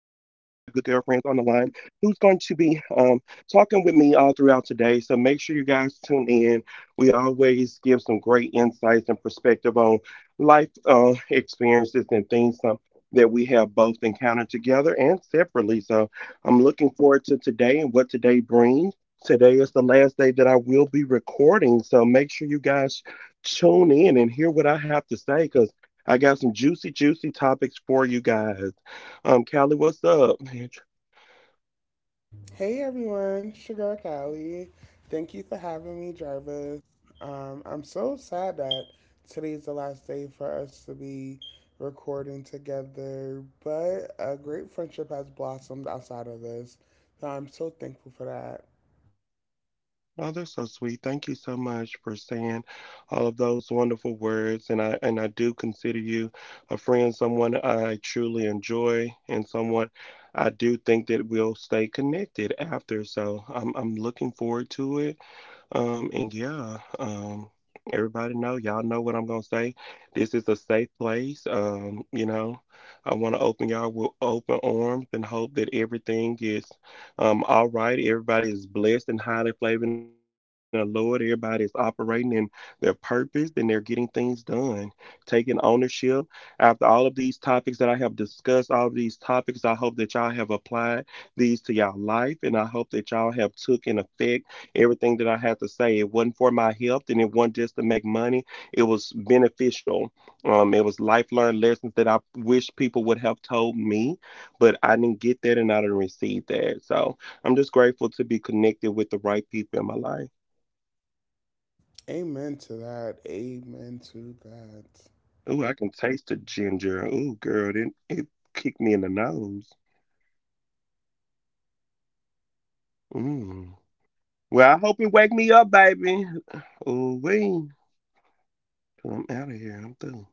on the line who's going to be talking with me all throughout today. So make sure you guys tune in. We always give some great insights and perspective on life experiences and things that we have both encountered together and separately. So I'm looking forward to today and what today brings. Today is the last day that I will be recording, so make sure you guys tune in and hear what I have to say because I got some juicy, juicy topics for you guys. Callie, what's up, man? Hey everyone, Sugar Callie. Thank you for having me, Jarvis. I'm so sad that today's the last day for us to be recording together, but a great friendship has blossomed outside of this. So I'm so thankful for that. Oh, that's so sweet. Thank you so much for saying all of those wonderful words. And I do consider you a friend, someone I truly enjoy, and someone I do think that we'll stay connected after. So I'm looking forward to it. Um, and yeah, um, everybody know, y'all know what I'm gonna say. This is a safe place. I want to open y'all with open arms and hope that everything is all right. Everybody is blessed and highly flavored in the Lord. Everybody is operating in their purpose and they're getting things done, taking ownership. After all of these topics that I have discussed, all of these topics, I hope that y'all have applied these to y'all life, and I hope that y'all have took an effect. Everything that I had to say, it wasn't for my health and it wasn't just to make money. It was beneficial. It was life learned lessons that I wish people would have told me, but I didn't get that and I didn't receive that. So I'm just grateful to be connected with the right people in my life. Amen to that. Amen to that. Ooh, I can taste the ginger. Ooh, girl, it kicked me in the nose. Mm. Well, I hope it wake me up, baby. Ooh, wee. I'm out of here. I'm through.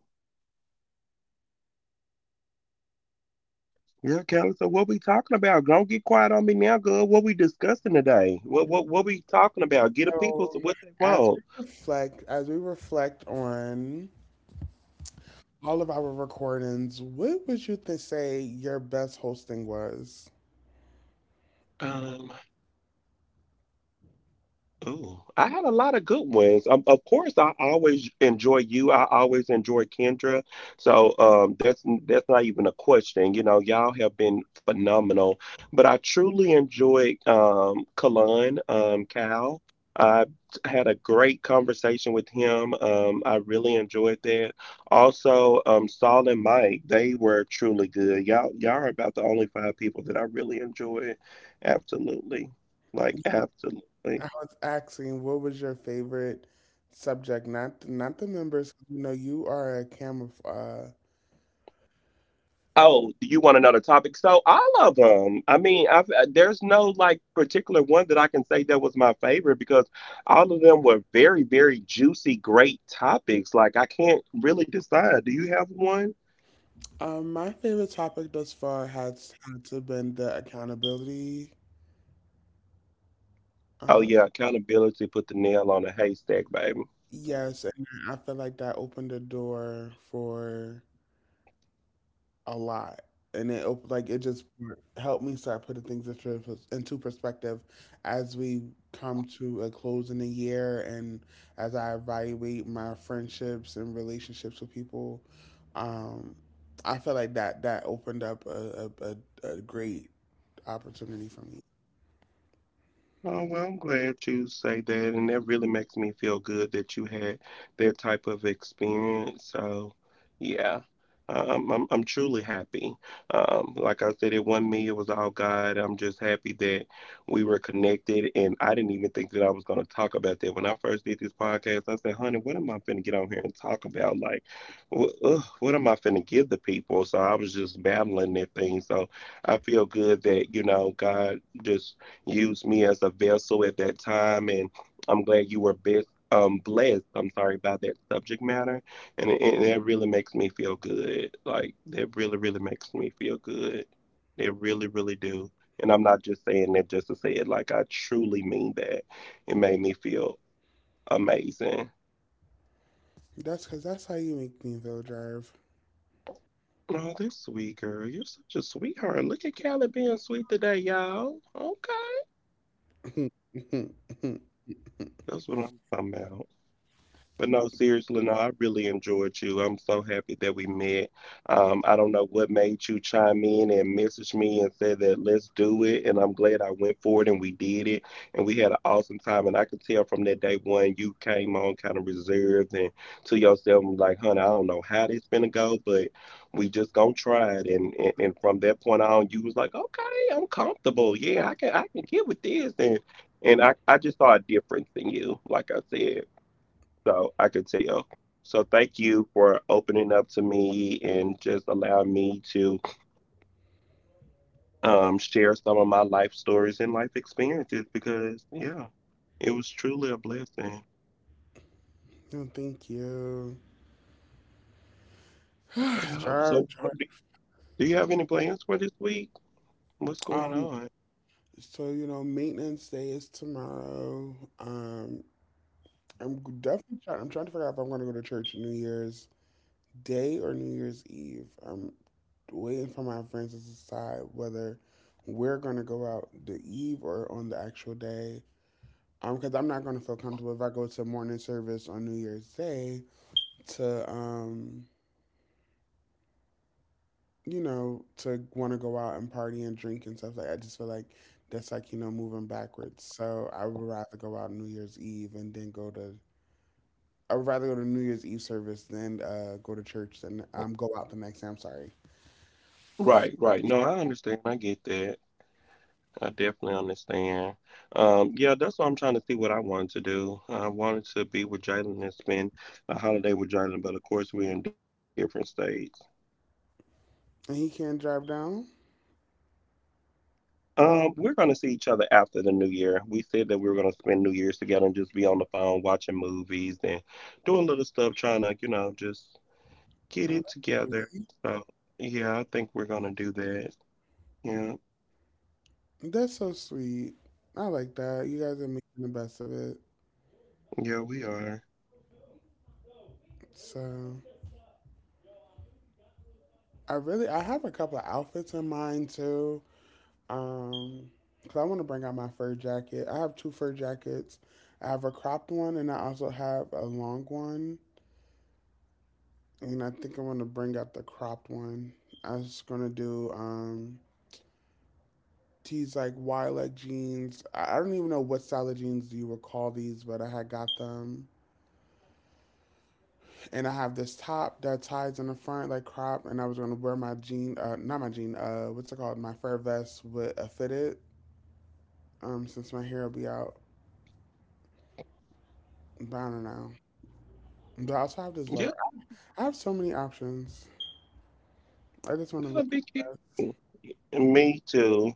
Yeah, Kelly. So what we talking about? Don't get quiet on me now, girl. What we discussing today? What we talking about? Get the people So what they as want. we reflect, as we reflect on all of our recordings, what would you say your best hosting was? Um, Oh, I had a lot of good ones. Of course, I always enjoy you. I always enjoy Kendra. So that's not even a question. You know, y'all have been phenomenal. But I truly enjoyed Kalan, Cal. I had a great conversation with him. I really enjoyed that. Also, Saul and Mike, they were truly good. Y'all are about the only five people that I really enjoyed. Absolutely, like absolutely. I was asking, what was your favorite subject? Not the members. You know, you are a camera. Oh, do you want another topic? So all of them. I mean, there's no like particular one that I can say that was my favorite because all of them were very, very juicy, great topics. Like I can't really decide. Do you have one? My favorite topic thus far has had to been the accountability. Oh Uh, yeah, accountability put the nail on a haystack, baby. yes, and I feel like that opened the door for a lot, and like it just helped me start putting things into perspective as we come to a close in the year, and as I evaluate my friendships and relationships with people. Um, I feel like that opened up a great opportunity for me. Oh, well, I'm glad you say that, and that really makes me feel good that you had that type of experience. So, yeah, I'm truly happy. Like I said, it wasn't me; it was all God. I'm just happy that we were connected, and I didn't even think that I was going to talk about that when I first did this podcast. I said, "Honey, what am I finna get on here and talk about? Like, what am I finna give the people?" So I was just battling that thing. So I feel good that you know God just used me as a vessel at that time and I'm glad you were best blessed. I'm sorry about that subject matter, and that really makes me feel good, like that really really makes me feel good. It really really do. And I'm not just saying that just to say it, like I truly mean that. It made me feel amazing. That's because that's how you make me feel, Drive. Oh, this sweet girl, you're such a sweetheart. Look at Callie being sweet today, y'all. Okay. no, That's what I'm talking about. But no, seriously, no, I really enjoyed you. I'm so happy that we met. I don't know what made you chime in and message me and say that let's do it. And I'm glad I went for it and we did it. And we had an awesome time. And I could tell from that day one, you came on kind of reserved and to yourself, and like, honey, I don't know how this finna go, but we just gonna try it. And from that point on, you was like, okay, I'm comfortable. Yeah, I can get with this. And I just saw a difference in you, like I said. So I could tell. So thank you for opening up to me and just allowing me to share some of my life stories and life experiences because, yeah, it was truly a blessing. Thank you. Yeah. Drive, So, Drive. do, do you have any plans for this week? What's going on? So you know, maintenance day is tomorrow. I'm definitely trying to figure out if I'm going to go to church New Year's Day or New Year's Eve. I'm waiting for my friends to decide whether we're going to go out the eve or on the actual day. Because I'm not going to feel comfortable if I go to morning service on New Year's Day to um to want to go out and party and drink and stuff like I just feel like that's like, you know, moving backwards. So I would rather go out on New Year's Eve and then go to. I would rather go to New Year's Eve service than go to church than go out the next day, I'm sorry. Right, right. No, I understand. I get that. I definitely understand. Yeah, that's what I'm trying to see what I wanted to do. I wanted to be with Jalen and spend a holiday with Jalen, but of course, we're in different states. And he can't drive down? We're going to see each other after the new year. We said that we were going to spend New Year's together and just be on the phone watching movies and doing little stuff, trying to, you know, just get Oh, it that's together. sweet. So, yeah, I think we're going to do that. Yeah, That's so sweet. I like that. You guys are making the best of it. yeah, we are. So I have a couple of outfits in mind too. Um, because I want to bring out my fur jacket. I have two fur jackets. I have a cropped one, and I also have a long one. And I think I want to bring out the cropped one. I was gonna do these like wide leg jeans. I don't even know what style of jeans you would call these, but I had got them. And I have this top that ties in the front like crop, and I was gonna wear my jean, not my jean, what's it called, my fur vest with a fitted. Since my hair will be out, but I don't know. But I also have this love. Yeah, I have so many options. I just want to look. that'll be cute. Me too.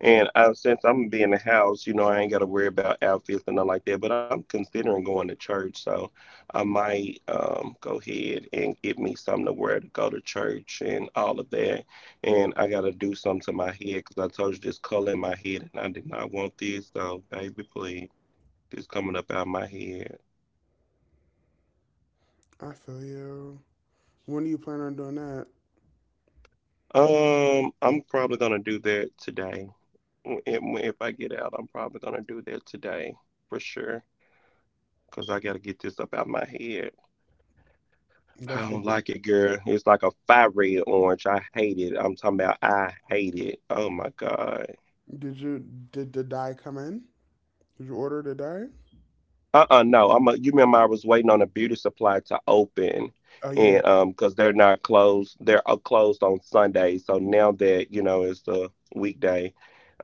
And I, since I'm gonna be in the house, you know, I ain't got to worry about outfits and nothing like that. But I'm considering going to church, so I might go ahead and get me something to wear to go to church and all of that. And I gotta do something to my head because I told you this color in my head, and I did not want this. So, baby, please, this coming up out of my head. I feel you. When do you plan on doing that? I'm probably gonna do that today. If I get out, I'm probably gonna do that today for sure. Cause I gotta get this up out my head. I That's good. don't like it, girl. It's like a fire red orange. I hate it. I'm talking about I hate it. Oh my God. Did you did the dye come in? Did you order the dye? Uh-uh, no. You remember I was waiting on a beauty supply to open Oh yeah, and because they're not closed. They're closed on Sundays. So now that, you know, it's a weekday,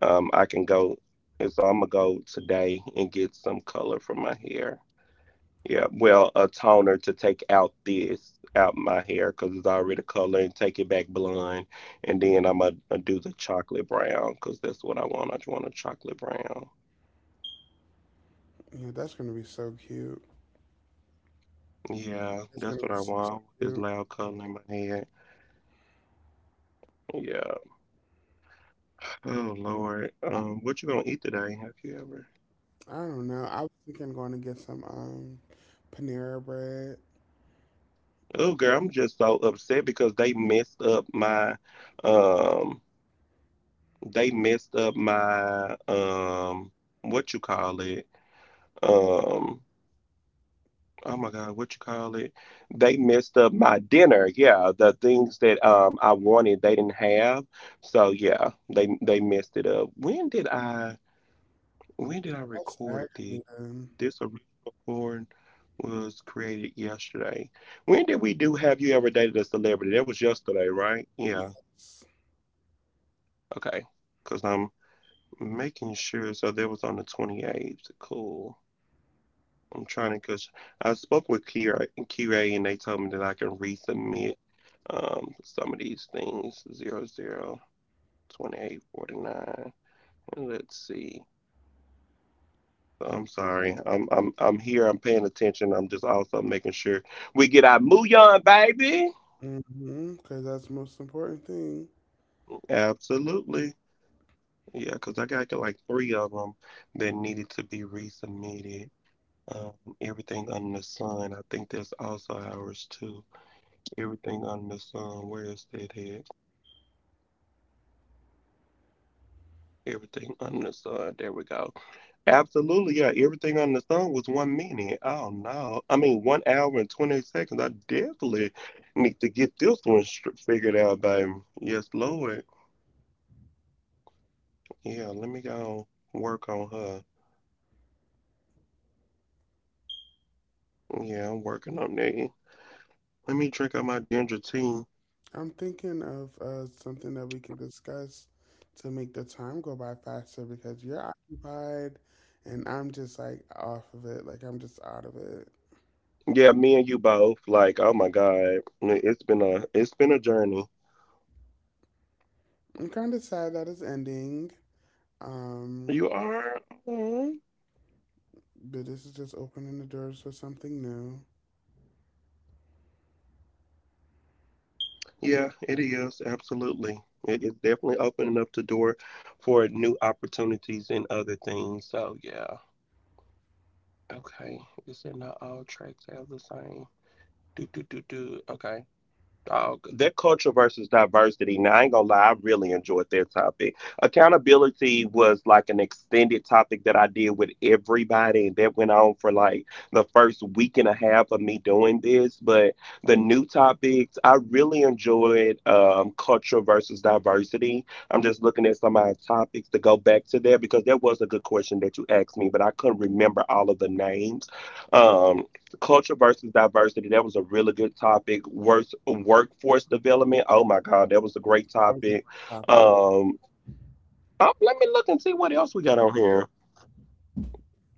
I can go and so I'm gonna go today and get some color for my hair. Yeah, well, a toner to take out this, out my hair, because it's already colored, and take it back blonde. And then I'm going to do the chocolate brown, because that's what I want. I just want a chocolate brown. yeah. That's gonna be so cute. Yeah, That's that's gonna be what I so, so want. This cute. loud color in my head. Yeah. Oh, Lord. What you gonna eat today? Have you ever? I don't know. I was thinking going to get some Panera bread. Oh, girl, I'm just so upset because um, they messed up my, what you call it? Um, oh my God, what you call it? They messed up my dinner. Yeah, the things that I wanted they didn't have. So yeah, they messed it up. When did I That's record this? aggravating. This original porn was created yesterday. When did we do Have You Ever Dated a Celebrity? That was yesterday, right? Yeah. Okay. Because I'm making sure. So that was on the 28th. Cool. I'm trying to, cause I spoke with Kira, and they told me that I can resubmit some of these things. 00:28:49. And let's see. I'm sorry. I'm here. I'm paying attention. I'm just also making sure we get our on, baby. Mm-hmm. Because that's the most important thing. Absolutely. Yeah, cause I got like three of them that needed to be resubmitted. Um, everything under the sun. I think that's also ours too. Everything under the sun. Where is that at? Everything under the sun. There we go. Absolutely, yeah. Everything under the sun was 1 minute. Oh no, I mean 1 hour and 20 seconds. I definitely need to get this one figured out, baby. Yes, Lord. Yeah, let me go work on her. Yeah, I'm working on that. Let me drink out my ginger tea. I'm thinking of something that we can discuss to make the time go by faster because you're occupied and I'm just like off of it. Like I'm just out of it. Yeah, me and you both. Like, oh my God, it's been a journey. I'm kind of sad that it's ending. Um, You are. Mm-hmm. but this is just opening the doors for something new. Yeah, it is. Absolutely. It is definitely opening up the door for new opportunities and other things. So, yeah. Okay. You said not all tracks have the same. Do, do, do, do. Okay. Dog, their culture versus diversity. Now, I ain't gonna lie, I really enjoyed their topic. Accountability was like an extended topic that I did with everybody, and that went on for like the first week and a half of me doing this. But the new topics, I really enjoyed culture versus diversity. I'm just looking at some of our topics to go back to there because that was a good question that you asked me, but I couldn't remember all of the names. Um, Culture versus diversity, that was a really good topic. Worse, workforce development, oh my god, that was a great That was a topic. great topic. um Let me look and see what else we got on here.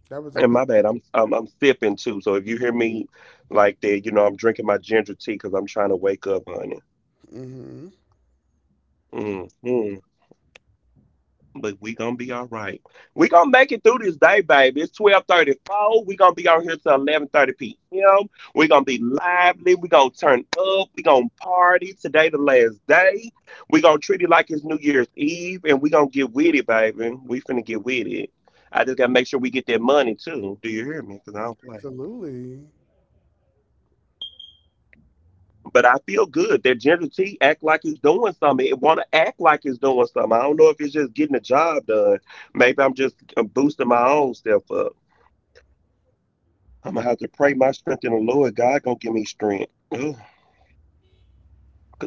That was a And my really, bad, I'm sipping too, so if you hear me like that, I'm drinking my ginger tea because I'm trying to wake up, honey. mm-hmm, hmm but we gonna be all right. We gonna make it through this day, baby. It's 12:34. We gonna be on here till 11:30 p.m. We gonna be lively. We gonna turn up. We gonna party today, the last day. We gonna treat it like it's New Year's Eve, and we gonna get with it, baby. We finna get with it. I just gotta make sure we get that money too. Do you hear me? Cause I don't play. absolutely. But I feel good that Ginger T act like it's doing something. It want to act like it's doing something. I don't know if it's just getting the job done. Maybe I'm just boosting my own self up. I'm gonna have to pray my strength in the Lord. God gonna give me strength. Because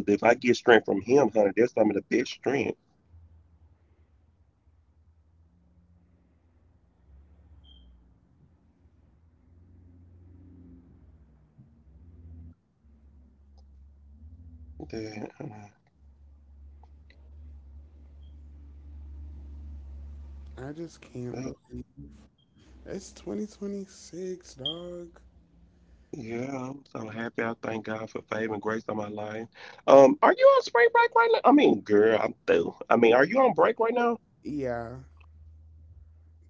if I get strength from Him, honey, that's some of the best strength. that, uh, I just can't uh, believe it's 2026, dog. yeah, I'm so happy. I thank God for favor and grace on my life. Are you on spring break right now? I mean, girl, I'm through. I mean, are you on break right now? Yeah,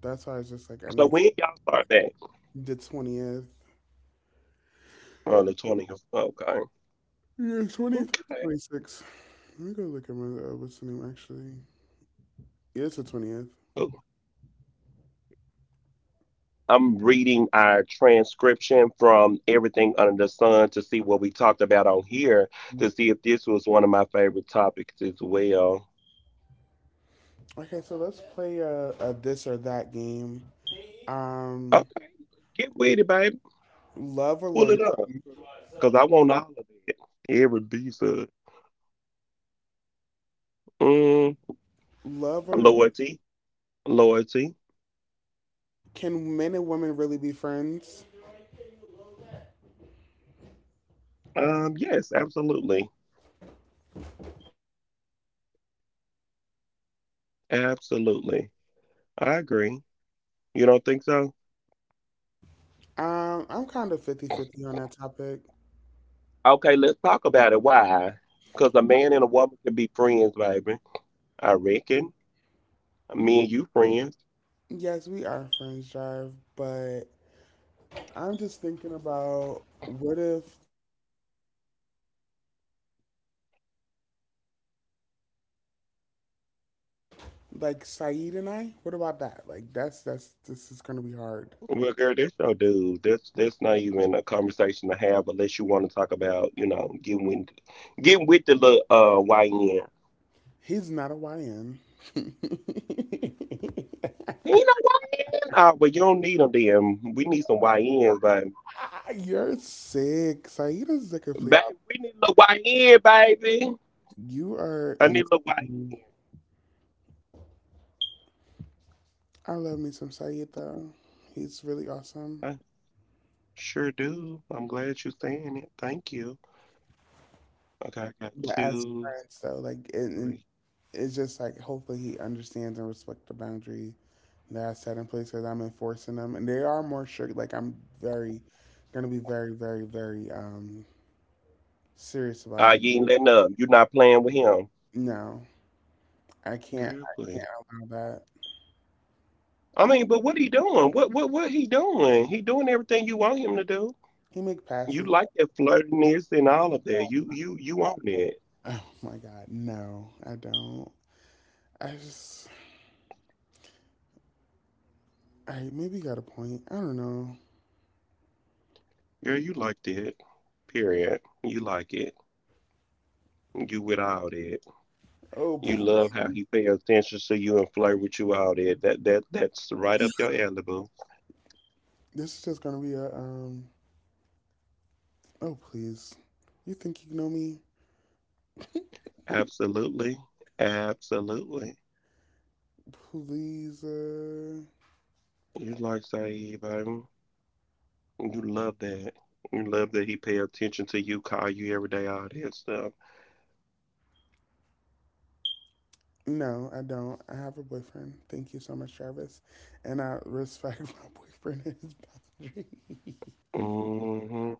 that's why I was just like, I So need when y'all start that? the 20th. On the 20th. Okay. Yeah, 20th or Okay. 26th. Let me go look at my what's the name actually. Yeah, it's the 20th. Oh, I'm reading our transcription from Everything Under the Sun to see what we talked about on here, to see if this was one of my favorite topics as well. Okay, so let's play a this or that game. Um, Okay, get with it, baby. love or Pull loyalty? it up. Because I want all of it. Every piece of it. mm, Love or loyalty? Loyalty. Loyalty. Can men and women really be friends? Yes, absolutely. Absolutely. I agree. You don't think so? I'm kind of 50/50 on that topic. Okay, let's talk about it. Why? Because a man and a woman can be friends, baby. I reckon. Me and you friends. Yes, we are friends, Jive, but I'm just thinking about what if like Saeed and I? What about that? Like that's this is gonna be hard. Well, girl, that's your dude. That's not even a conversation to have unless you want to talk about, getting with the little YN. He's not a YN. You know YN? Oh, but you don't need them then. We need some YNs, baby. You're sick. Saeed the complete Baby, op- we need a little YN, baby. You are I need a little insane. YN. I love me some Saeed though. He's really awesome. I sure do. I'm glad you're saying it. Thank you. Okay, I got But as two, friends though, like and three. it's just like hopefully he understands and respects the boundary that I set in place because I'm enforcing them. And they are more strict. Like I'm very gonna be very, very, very serious about Ah, these. you ain't letting up. You're not playing with him. No. I can't Girl, I can't please. allow that. I mean, but what he doing? What he doing? He doing everything you want him to do. He make You passes. like that flirtiness and all of that. You want that. Oh my god, no, I don't. I just, I maybe got a point. I don't know. Girl, you like that. Period. You like it. You with all that. Oh, You love how he pay attention to you and flirt with you, all that. That's right up your alley, boo. this is just gonna be a. Oh please, you think you know me? Absolutely. Absolutely. Please, You like Saeed, baby. You love that. You love that he pay attention to you, call you every day, all that stuff. no, I don't. I have a boyfriend. Thank you so much, Jarvis, and I respect my boyfriend and his boundaries. Mm-hmm.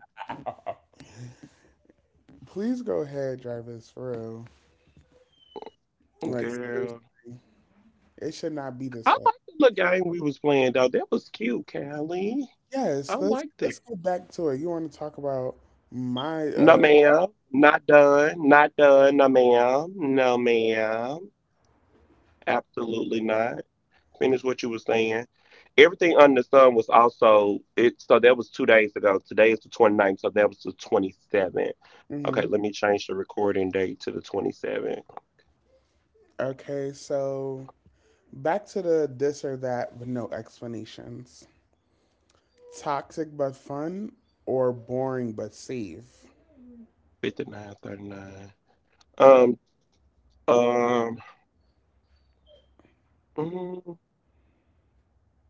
Please go ahead, Jarvis. For real, like Girl. seriously, it should not be this I way. like the little game we was playing though. That was cute, Callie. I Yes, let's liked let's it. get back to it. You want to talk about my No uh? ma'am. Not done. Not done. No ma'am. No ma'am. Absolutely not. Finish what you were saying. Everything under the sun was also it, so that was 2 days ago. Today is the 29th, so that was the 27th. Okay, Mhm. let me change the recording date to the 27th. Okay, so back to the this or that with no explanations. Toxic but fun or boring but safe? 59, 39. Um, um, mm,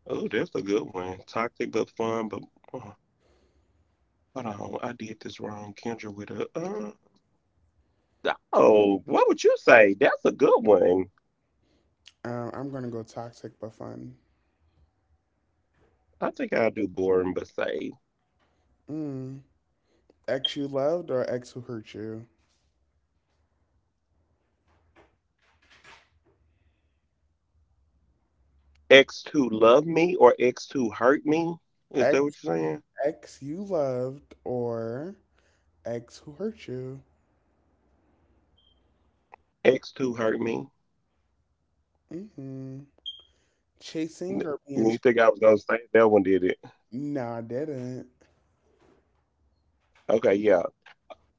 oh, that's a good one. Toxic but fun, but oh, hold on, I did this wrong. Kendra with a oh, what would you say? That's a good one. I'm gonna go toxic but fun. I think I'll do boring but say. Mm. Ex you loved or ex who hurt you? X two love me or X two hurt me. Is that what Ex you're saying? ex you loved or ex who hurt you? X two hurt me. Mm-hmm. Chasing or being You think I was gonna say that one, did it? no, I didn't. Okay, yeah.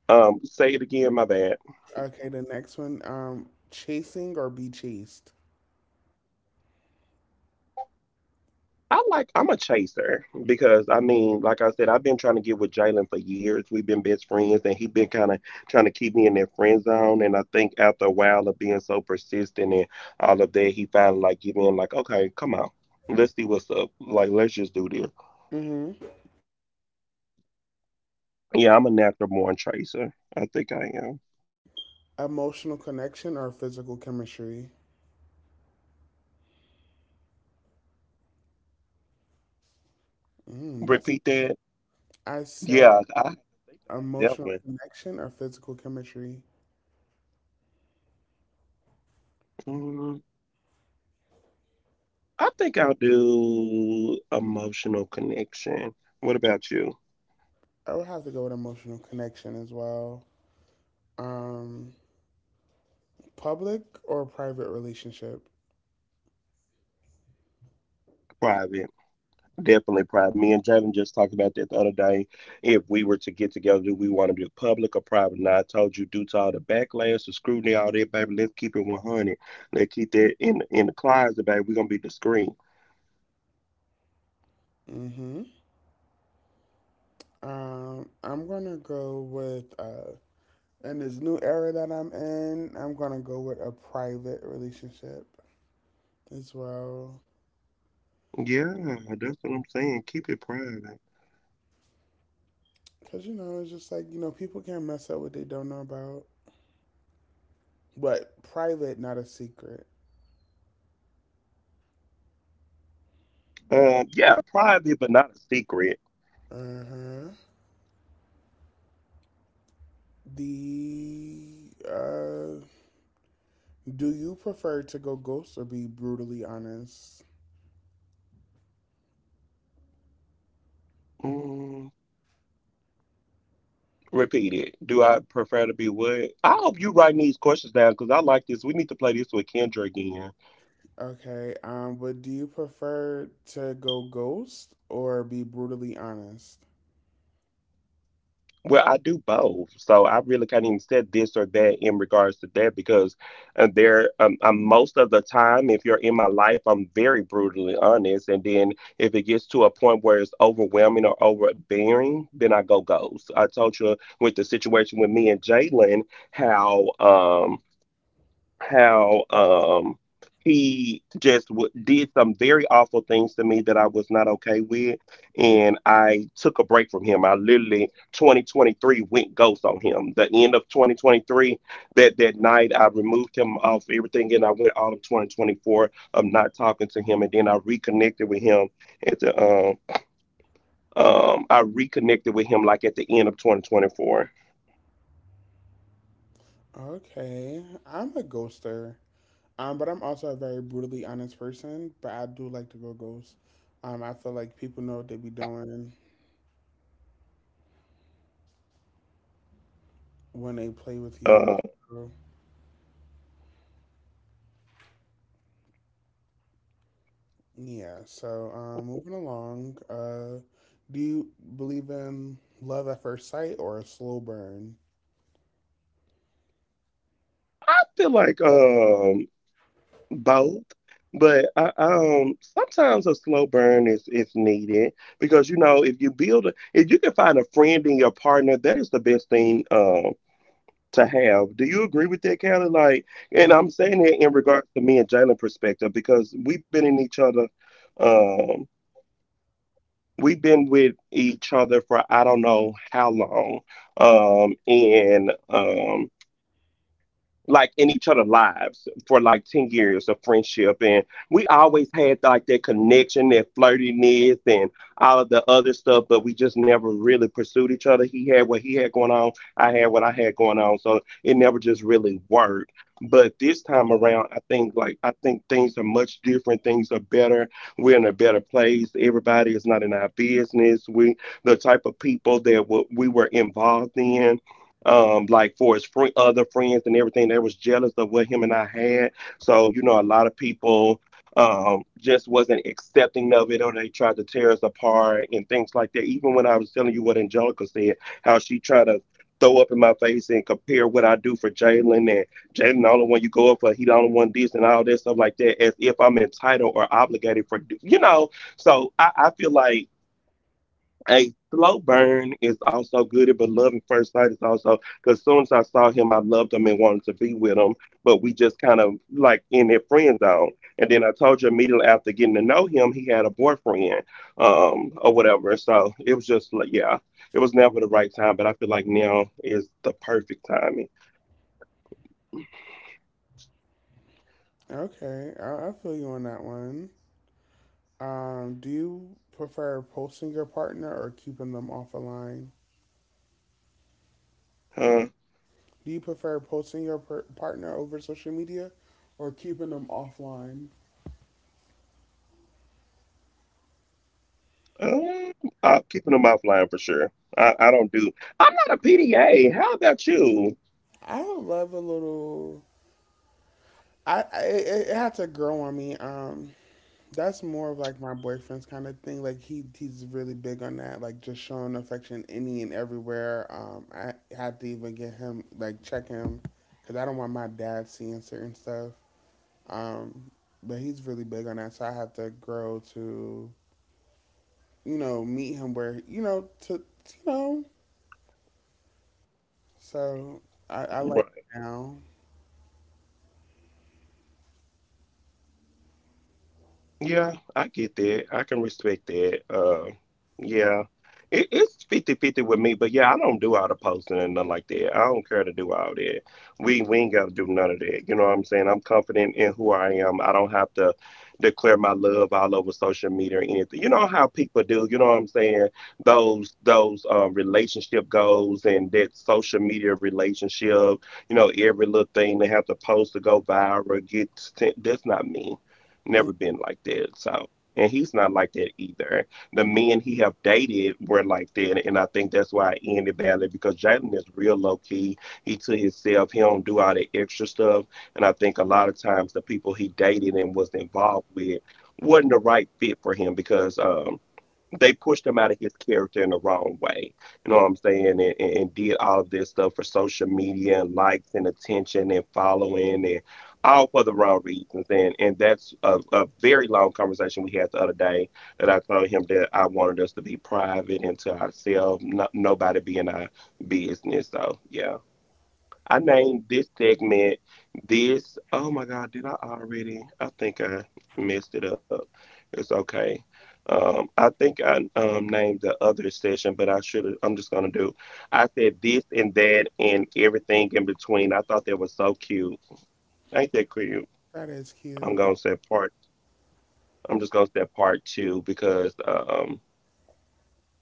Say it again. My bad. Okay, the next one. Chasing or be chased? I like. I'm a chaser because, I mean, like I said, I've been trying to get with Jalen for years. We've been best friends, and he been kind of trying to keep me in that friend zone. And I think after a while of being so persistent and all of that, he finally like give in. Like, okay, come on, let's see what's up. Like, let's just do this. Mm-hmm. Yeah, I'm a natural born chaser. I think I am. Emotional connection or physical chemistry? Mm, that's Repeat that. I said Yeah, I think about that emotional one. connection or physical chemistry. Mm-hmm. I think I'll do emotional connection. What about you? I would have to go with emotional connection as well. Um, public or private relationship. Private. Definitely private. Me and Draven just talked about that the other day. If we were to get together, do we want to do public or private? Now, I told you, due to all the backlash, the scrutiny, all that, baby, let's keep it 100. Let's keep that in the closet, baby. We're going to be discreet. Mm-hmm. I'm gonna go with in this new era that I'm in, I'm gonna go with a private relationship as well. Yeah, that's what I'm saying. Keep it private. Cause you know, it's just like people can't mess up what they don't know about. But private, not a secret. Yeah, private, but not a secret. Uh huh. The Do you prefer to go ghost or be brutally honest? Mm, Repeat it. Do I prefer to be what? I hope you writing these questions down because I like this. We need to play this with Kendra again. Okay, but do you prefer to go ghost or be brutally honest? Well, I do both, so I really can't even say this or that in regards to that, because most of the time, if you're in my life, I'm very brutally honest, and then if it gets to a point where it's overwhelming or overbearing, then I go ghost. I told you with the situation with me and Jalen, how. How he just did some very awful things to me that I was not okay with, and I took a break from him. I literally 2023 went ghost on him. The end of 2023, that night I removed him off everything, and I went all of 2024 of not talking to him, and then I reconnected with him at the I reconnected with him like at the end of 2024. Okay, I'm a ghoster. But I'm also a very brutally honest person, but I do like to go ghost. I feel like people know what they be doing when they play with you. Uh, So, yeah, so moving along, do you believe in love at first sight or a slow burn? I feel like both, but sometimes a slow burn is needed, because if you if you can find a friend in your partner, that is the best thing to have. Do you agree with that, Kelly? Like, and I'm saying that in regards to me and Jalen perspective, because um we've been with each other for, I don't know how long, and like in each other' lives for like 10 years of friendship, and we always had like that connection, that flirtiness and all of the other stuff, but we just never really pursued each other. He had what he had going on, I had what I had going on, so it never just really worked. But this time around, I think things are much different, things are better. We're in a better place, everybody is not in our business. We the type of people that what we were involved in. Like for his other friends and everything, they was jealous of what him and I had. So, a lot of people just wasn't accepting of it, or they tried to tear us apart and things like that. Even when I was telling you what Angelica said, how she tried to throw up in my face and compare what I do for Jalen, and Jalen the only one you go up for, he the only one this, and all that stuff like that, as if I'm entitled or obligated for. So I feel like a slow burn is also good, but love at first sight is also, because soon as I saw him, I loved him and wanted to be with him. But we just kind of like in their friend zone. And then I told you immediately after getting to know him, he had a boyfriend, or whatever. So it was just like, yeah, it was never the right time, but I feel like now is the perfect timing. Okay, I feel you on that one. Do you prefer posting your partner or keeping them off a line? Huh? Do you prefer posting your partner over social media or keeping them offline? um, I'm keeping him offline for sure. I don't do. I'm not a PDA. How about you? I would love a little. It had to grow on me. That's more of like my boyfriend's kind of thing. Like he's really big on that. Like just showing affection any and everywhere. I had to even get him like check him because I don't want my dad seeing certain stuff. Um, but he's really big on that, so I have to grow to, meet him where, to. So I like it now. Yeah, I get that. I can respect that. Yeah, it's 50-50 with me, but yeah, I don't do all the posting and nothing like that. I don't care to do all that. We ain't got to do none of that. You know what I'm saying? I'm confident in who I am. I don't have to declare my love all over social media or anything. You know how people do. You know what I'm saying? Those relationship goals and that social media relationship. Every little thing they have to post to go viral. Get that's not me. Mm. Never been like that. So, and he's not like that either. The men he have dated were like that, and I think that's why it ended badly because Jalen is real low key. He to himself. He don't do all that extra stuff. And I think a lot of times the people he dated and was involved with wasn't the right fit for him because they pushed him out of his character in the wrong way. You know what I'm saying? And did all of this stuff for social media and likes and attention and following and all for the wrong reasons. And that's a very long conversation we had the other day that I told him that I wanted us to be private and to ourselves, no, nobody be in our business. So, yeah. I named this segment this. Oh my God, did I already? I think I messed it up. It's okay. I think I named the other session, but I should have. I'm just gonna do. I said this and that and everything in between. I thought that was so cute. Ain't that cute? That is I'm cute. gonna say part. I'm just gonna say part 2 because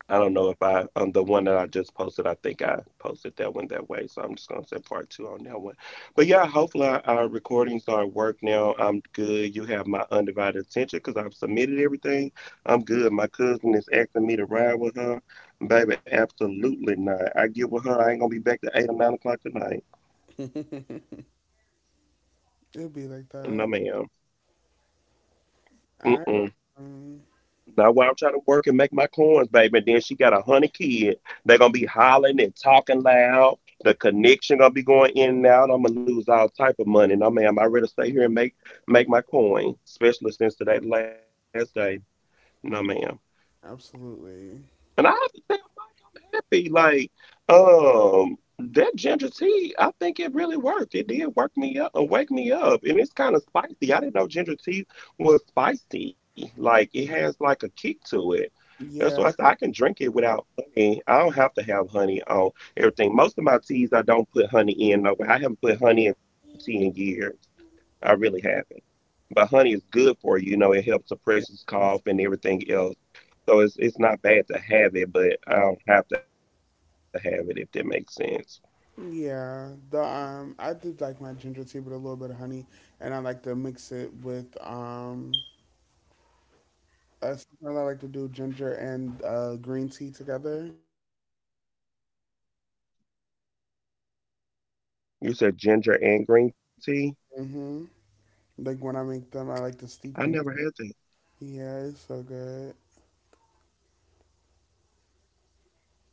I don't know if I the one that I just posted. I think I posted that one that way, so I'm just gonna say part two on that one. But yeah, hopefully our recordings are at work now. I'm good. You have my undivided attention because I've submitted everything. I'm good. My cousin is asking me to ride with her, baby. Absolutely not. I get with her. I ain't gonna be back to 8 or 9 o'clock tonight. It'll be like No, that. ma'am. I, Mm-mm. um, Not while I'm trying to work and make my coins, baby. And then she got 100 kids. They're gonna be hollering and talking loud. The connection gonna be going in and out. I'm gonna lose all type of money. No, ma'am. I rather stay here and make my coin, especially since today the last day. No, ma'am. absolutely. And I have to tell Mike I'm happy. Like, um, that ginger tea, I think it really worked. It did work me up, wake me up. And it's kind of spicy. I didn't know ginger tea was spicy. Like, it has like a kick to it. That's Yeah, why I said I can drink it without honey. I don't have to have honey on everything. Most of my teas I don't put honey in. No, I haven't put honey in tea in years. I really haven't. But honey is good for you. You know, it helps it suppress is. cough and everything else. So it's not bad to have it, but I don't have to have it if that makes sense. Yeah, the I did like my ginger tea with a little bit of honey, and I like to mix it with. Sometimes I like to do ginger and green tea together. You said ginger and green tea? Hmm. Like when I make them, I like to steep them. I never had that. Yeah, it's so good.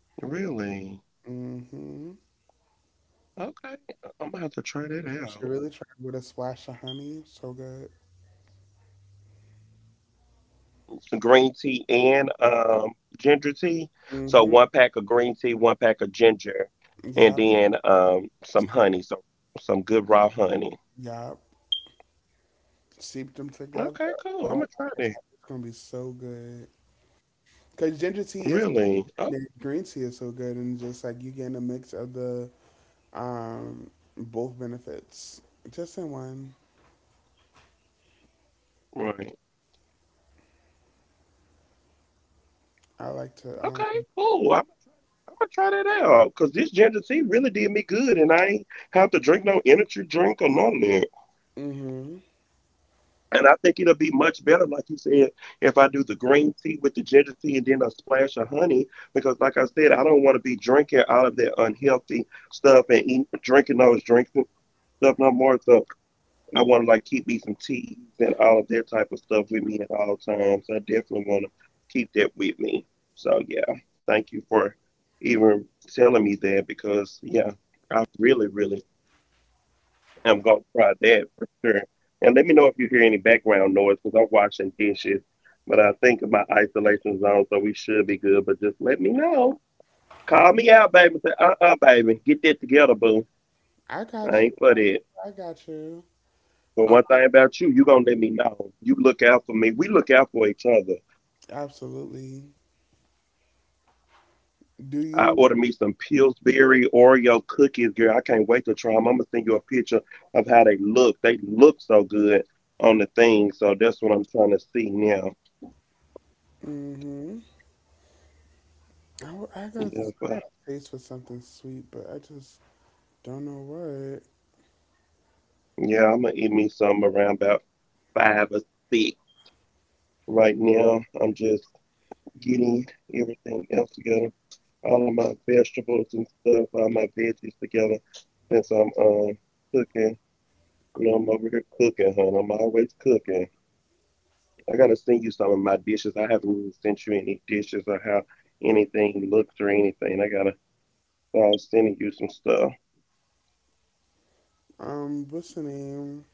Really? Mm-hmm. You Okay. I'm gonna have to try that should out. really try it with a splash It of was something honey. I So wanted to good. um, green tea and ginger tea. So Mm-hmm. one pack of green tea, one pack of ginger, and Yep. then some honey, so some good raw honey. Yep. Seep them together. Okay, Oh, cool. I'm gonna try that. it's gonna be so good. Cause ginger tea is. And Really? then Oh, green tea is so good, and just like you getting a mix of the um both benefits just in one. right. I like to Okay, um. cool. I'm gonna try that out because this ginger tea really did me good, and I ain't have to drink no energy drink or none of that. Mm-hmm. And I think it'll be much better, like you said, if I do the green tea with the ginger tea and then a splash of honey, because like I said, I don't want to be drinking all of that unhealthy stuff and eat, drinking those drinks and stuff no more. So I want to like keep me some teas and all of that type of stuff with me at all times. I definitely want to keep that with me. So yeah, thank you for even telling me that because yeah, I really, really am gonna try that for sure. And let me know if you hear any background noise because I'm washing dishes. But I think my isolation zone, so we should be good. But just let me know. Call Okay. me out, baby. Say, uh-uh, baby, get that together, boo. I I got ain't you. for that. I got you. But Um, one thing about you, you gonna let me know. You look out for me. We look out for each other. Absolutely. Do I you? ordered me some Pillsbury Oreo cookies, girl. I can't wait to try them. I'm gonna send you a picture of how they look. They look so good on the thing. So that's what I'm trying to see now. Mm-hmm. I, w- I got Yeah, I but had a taste for something sweet, but I just don't know what. yeah, I'm gonna eat me some around about five or six. Right now, I'm just getting everything else together, all of my vegetables and stuff, all my veggies together since I'm cooking. You know, I'm over here cooking, hun. I'm always cooking. I gotta send you some of my dishes. I haven't really sent you any dishes or how anything looks or anything. I gotta start sending you some stuff. What's the name?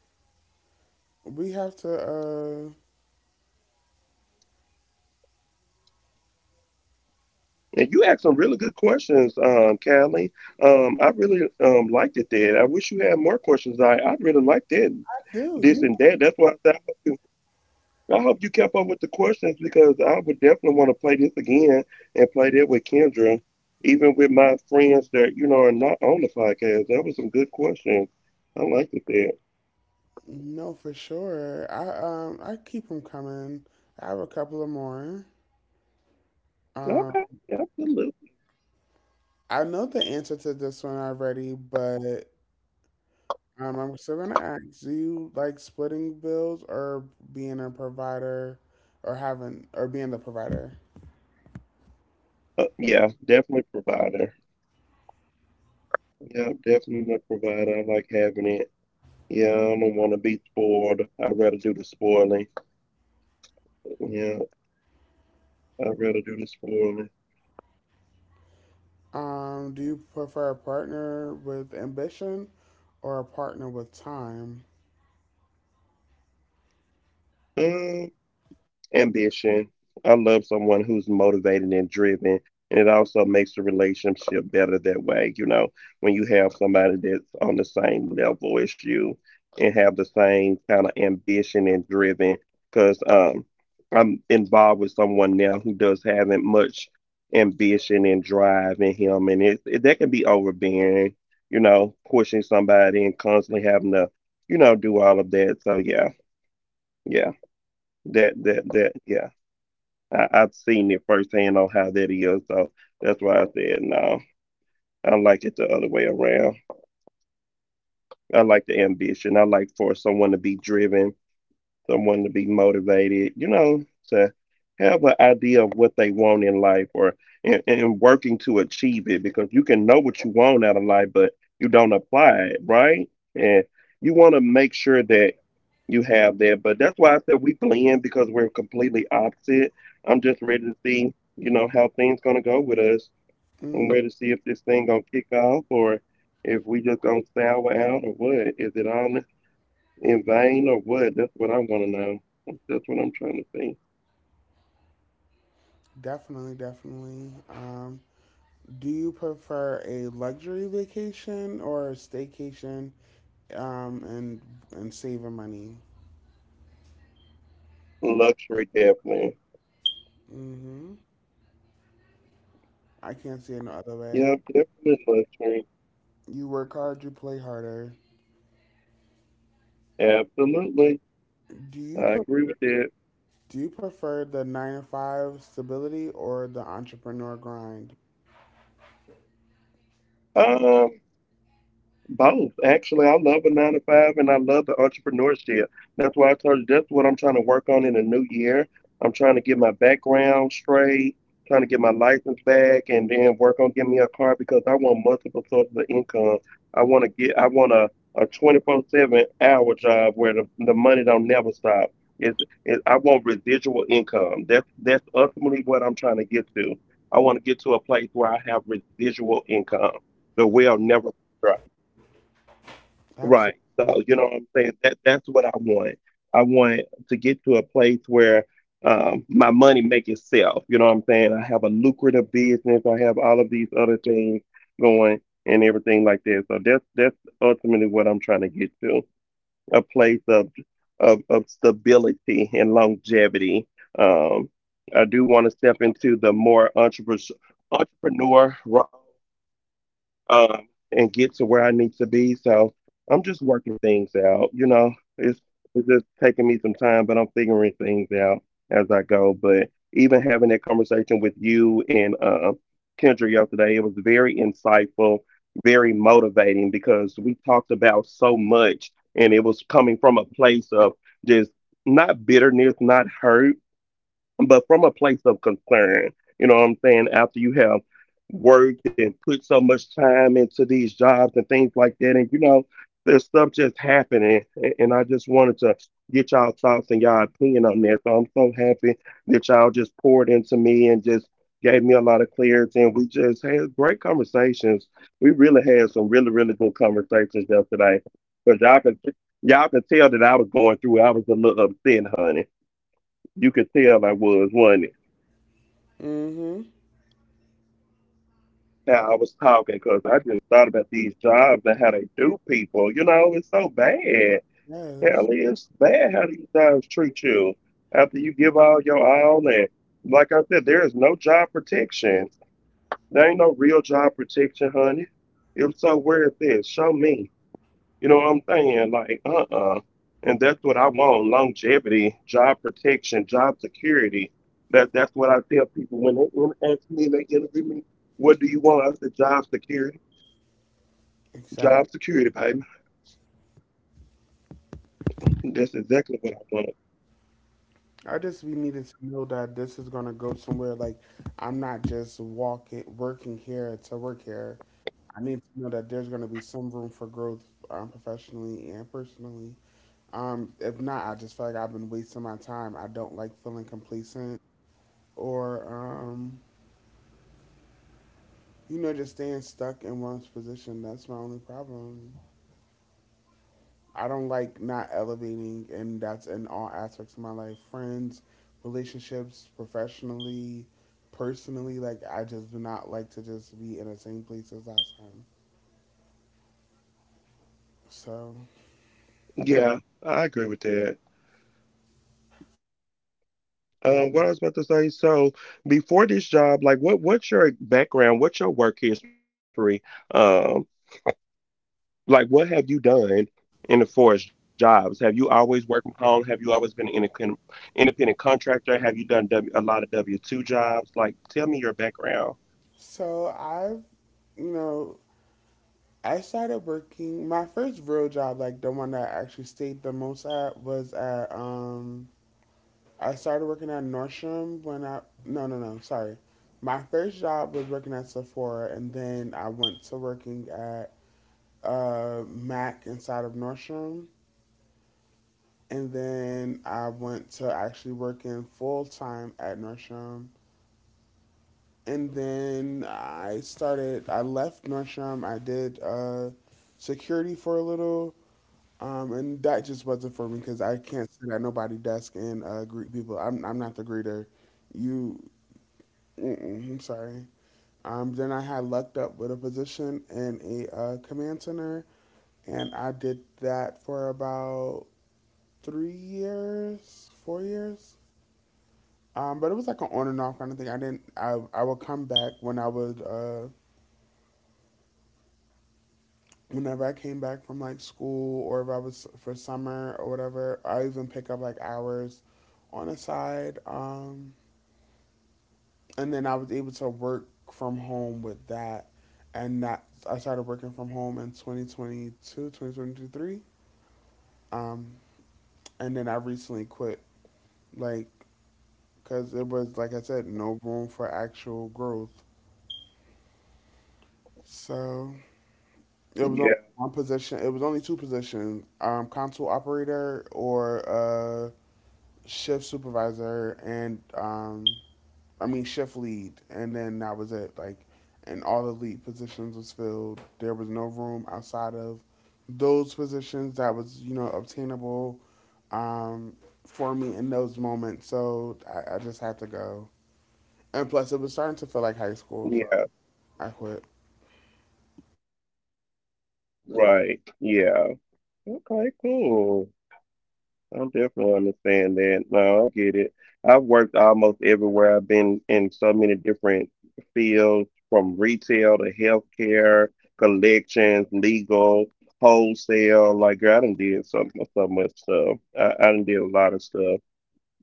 We have to. And you asked some really good questions, Callie. I really liked it there. I wish you had more questions. I really liked that Do this you and that. That's why I said I hope you kept up with the questions because I would definitely want to play this again and play that with Kendra, even with my friends that, you know, are not on the podcast. That was some good questions. I liked it there. know for sure? I keep them coming. I have a couple of more. Um, Okay. Absolutely. I know the answer to this one already, but I'm still gonna ask. Do you like splitting bills or being a provider, or having or being the provider? Yeah, definitely provider. Yeah, definitely a provider. I like having it. Yeah, I don't want to be spoiled. I'd rather do the spoiling. Yeah, I'd rather do the spoiling. Do you prefer a partner with ambition or a partner with time? Um, Ambition. I love someone who's motivated and driven. And it also makes the relationship better that way, you know, when you have somebody that's on the same level as you and have the same kind of ambition and driven. Because I'm involved with someone now who does having much ambition and drive in him, and it that can be overbearing, you know, pushing somebody and constantly having to, you know, do all of that. So yeah, yeah, that yeah. I've seen it firsthand on how that is. So that's why I said no. I like it the other way around. I like the ambition. I like for someone to be driven, someone to be motivated, you know, to have an idea of what they want in life or and working to achieve it because you can know what you want out of life, but you don't apply it, right? And you want to make sure that you have that. But that's why I said we blend because we're completely opposite. I'm just ready to see, you know, how things gonna go with us. I'm Hmm. ready to see if this thing gonna kick off or if we just gonna sour out or what. Is it all in vain or what? That's what I wanna know. That's what I'm trying to see. Definitely, definitely. Do you prefer a luxury vacation or a staycation um, and and saving money? Luxury, definitely. Hmm. I can't see it no other way. Yeah, definitely luxury. You work hard, you play harder. Absolutely. Do you I agree with that. do you prefer the nine to five stability or the entrepreneur grind? Um, Both. Actually, I love a nine to five and I love the entrepreneurship. That's why I told you that's what I'm trying to work on in the new year. I'm trying to get my background straight, trying to get my license back, and then work on getting me a car because I want multiple sources of income. I want a 24/7 hour job where the money don't never stop. It's, it, I want residual income. That's ultimately what I'm trying to get to. I want to get to a place where I have residual income. The well never dry. Right. Absolutely. So you know what I'm saying? That's what I want. I want to get to a place where my money make itself. You know what I'm saying? I have a lucrative business. I have all of these other things going and everything like that. So that's ultimately what I'm trying to get to. A place of stability and longevity. Um, I do want to step into the more entrepreneur role and get to where I need to be. So I'm just working things out. You know, it's just taking me some time, but I'm figuring things out as I go. But even having that conversation with you and Kendra yesterday, it was very insightful, very motivating because we talked about so much, and it was coming from a place of just not bitterness, not hurt but from a place of concern. You know what I'm saying? After you have worked and put so much time into these jobs, and things like that, and there's stuff just happening. And I just wanted to get y'all thoughts and y'all opinion on that. So I'm so happy that y'all just poured into me and just gave me a lot of clarity. And we just had great conversations. We really had some really, really good conversations yesterday. Because y'all can tell that I was going through, I was a little upset, honey. You could tell I was Hmm. how I was talking because I just thought about these jobs and how they do people. You know, it's so bad. Hell, Yes. it's bad how these jobs treat you after you give all your all. And like I said, there is no job protection. There ain't no real job protection, honey. If so, where is this? Show me. You know what I'm saying? Like, uh-uh. And that's what I want: longevity, job protection, job security. That's what I tell people when they ask me, they interview me. What do you want? I said, job security. Job Exactly. security, baby. That's exactly what I want. I just we needed to know that this is gonna go somewhere. Like I'm not just working here to work here. I need to know that there's gonna be some room for growth, professionally and personally. If not, I just feel like I've been wasting my time. I don't like feeling complacent or just staying stuck in one's position. That's my only problem. I don't like not elevating, and that's in all aspects of my life: friends, relationships, professionally, personally. Like, I just do not like to just be in the same place as last time. So, Yeah, I agree with that. What I was about to say, so before this job, like what's your background? What's your work history? Um, like, what have you done in the forest jobs? Have you always worked from home? Have you always been an independent contractor? Have you done a lot of W-2 jobs? Like, tell me your background. so I've, you know, I started working my first real job. Like, the one that I actually stayed the most at was at, I started working at Nordstrom when I, no, no, no, sorry. My first job was working at Sephora, and then I went to working at Mac inside of Nordstrom. And then I went to actually working full time at Nordstrom. And then I left Nordstrom. I did security for a little. And that just wasn't for me because I can't sit at nobody's desk and greet people. I'm not the greeter. You, mm-mm, I'm sorry. Then I had lucked up with a position in a command center, and I did that for about 3 years, 4 years. But it was like an on and off kind of thing. I didn't. I would come back when I would. Whenever I came back from like school, or if I was for summer or whatever, I even pick up like hours on the side. And then I was able to work from home with that. And that I started working from home in 2022, 2023. Um, and then I recently quit, like, because it was, like I said, no room for actual growth. So it was only Yeah, one position. It was only two positions: console operator or shift supervisor, and I mean shift lead. And then that was it. Like, and all the lead positions was filled. There was no room outside of those positions that was, you know, obtainable um, for me in those moments. So I just had to go. And plus, it was starting to feel like high school, so yeah, I quit. right. Yeah. Okay, cool. I definitely understand that. No, I get it. I've worked almost everywhere. I've been in so many different fields, from retail to healthcare, collections, legal, wholesale. Like, girl, I done did so, so much stuff. I done did a lot of stuff.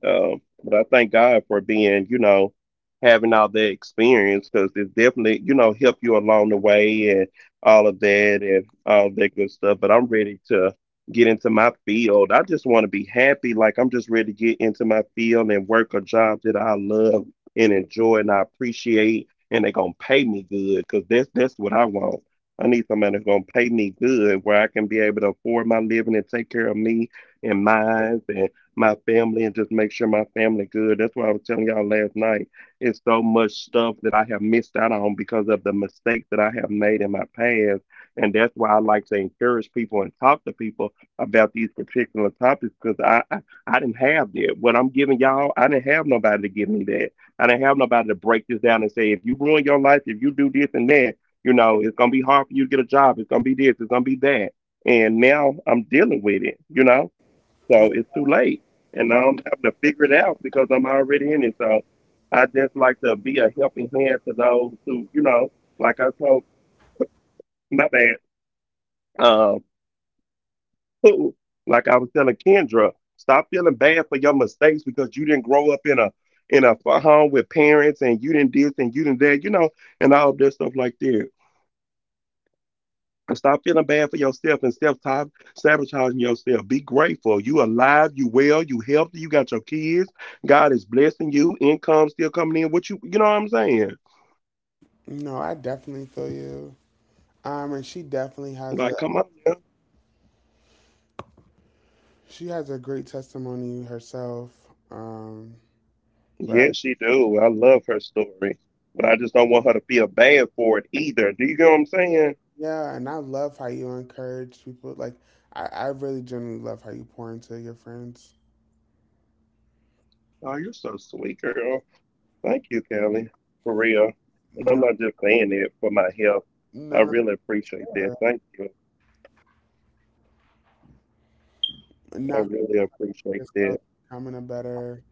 But I thank God for being, having all that experience because it definitely, help you along the way and all of that and all that good stuff. But I'm ready to get into my field. I just want to be happy. Like, I'm just ready to get into my field and work a job that I love and enjoy and I appreciate and they're gonna pay me good because that's what I want. I need somebody that's gonna pay me good where I can be able to afford my living and take care of me and mine and my family and just make sure my family good. That's why I was telling y'all last night. It's so much stuff that I have missed out on because of the mistakes that I have made in my past. And that's why I like to encourage people and talk to people about these particular topics because I didn't have that. What I'm giving y'all, I didn't have nobody to give me that. I didn't have nobody to break this down and say, if you ruin your life, if you do this and that, it's gonna be hard for you to get a job. It's gonna be this. It's gonna be that. And now I'm dealing with it. You know. So it's too late. And now I'm having to figure it out because I'm already in it. So I just like to be a helping hand to those who, like I told my bad, um, who, like I was telling Kendra, stop feeling bad for your mistakes because you didn't grow up in a home with parents and you didn't this and you didn't that, and all this stuff like that. And stop feeling bad for yourself and self sabotaging yourself. Be grateful. You alive, you well, you healthy, you got your kids. God is blessing you. Income still coming in. What You know what I'm saying? No, I definitely feel you. And Like, come on now. she has a great testimony herself. Yes, But she do. I love her story. But I just don't want her to feel bad for it either. Do you get what I'm saying? yeah, and I love how you encourage people. Like, I really genuinely love how you pour into your friends. Oh, you're so sweet, girl. Thank you, Kelly. For real. And I'm No, not just saying it for my health. I none of really appreciate that. sure. Thank you. I Not really for appreciate that. yourself, becoming a better,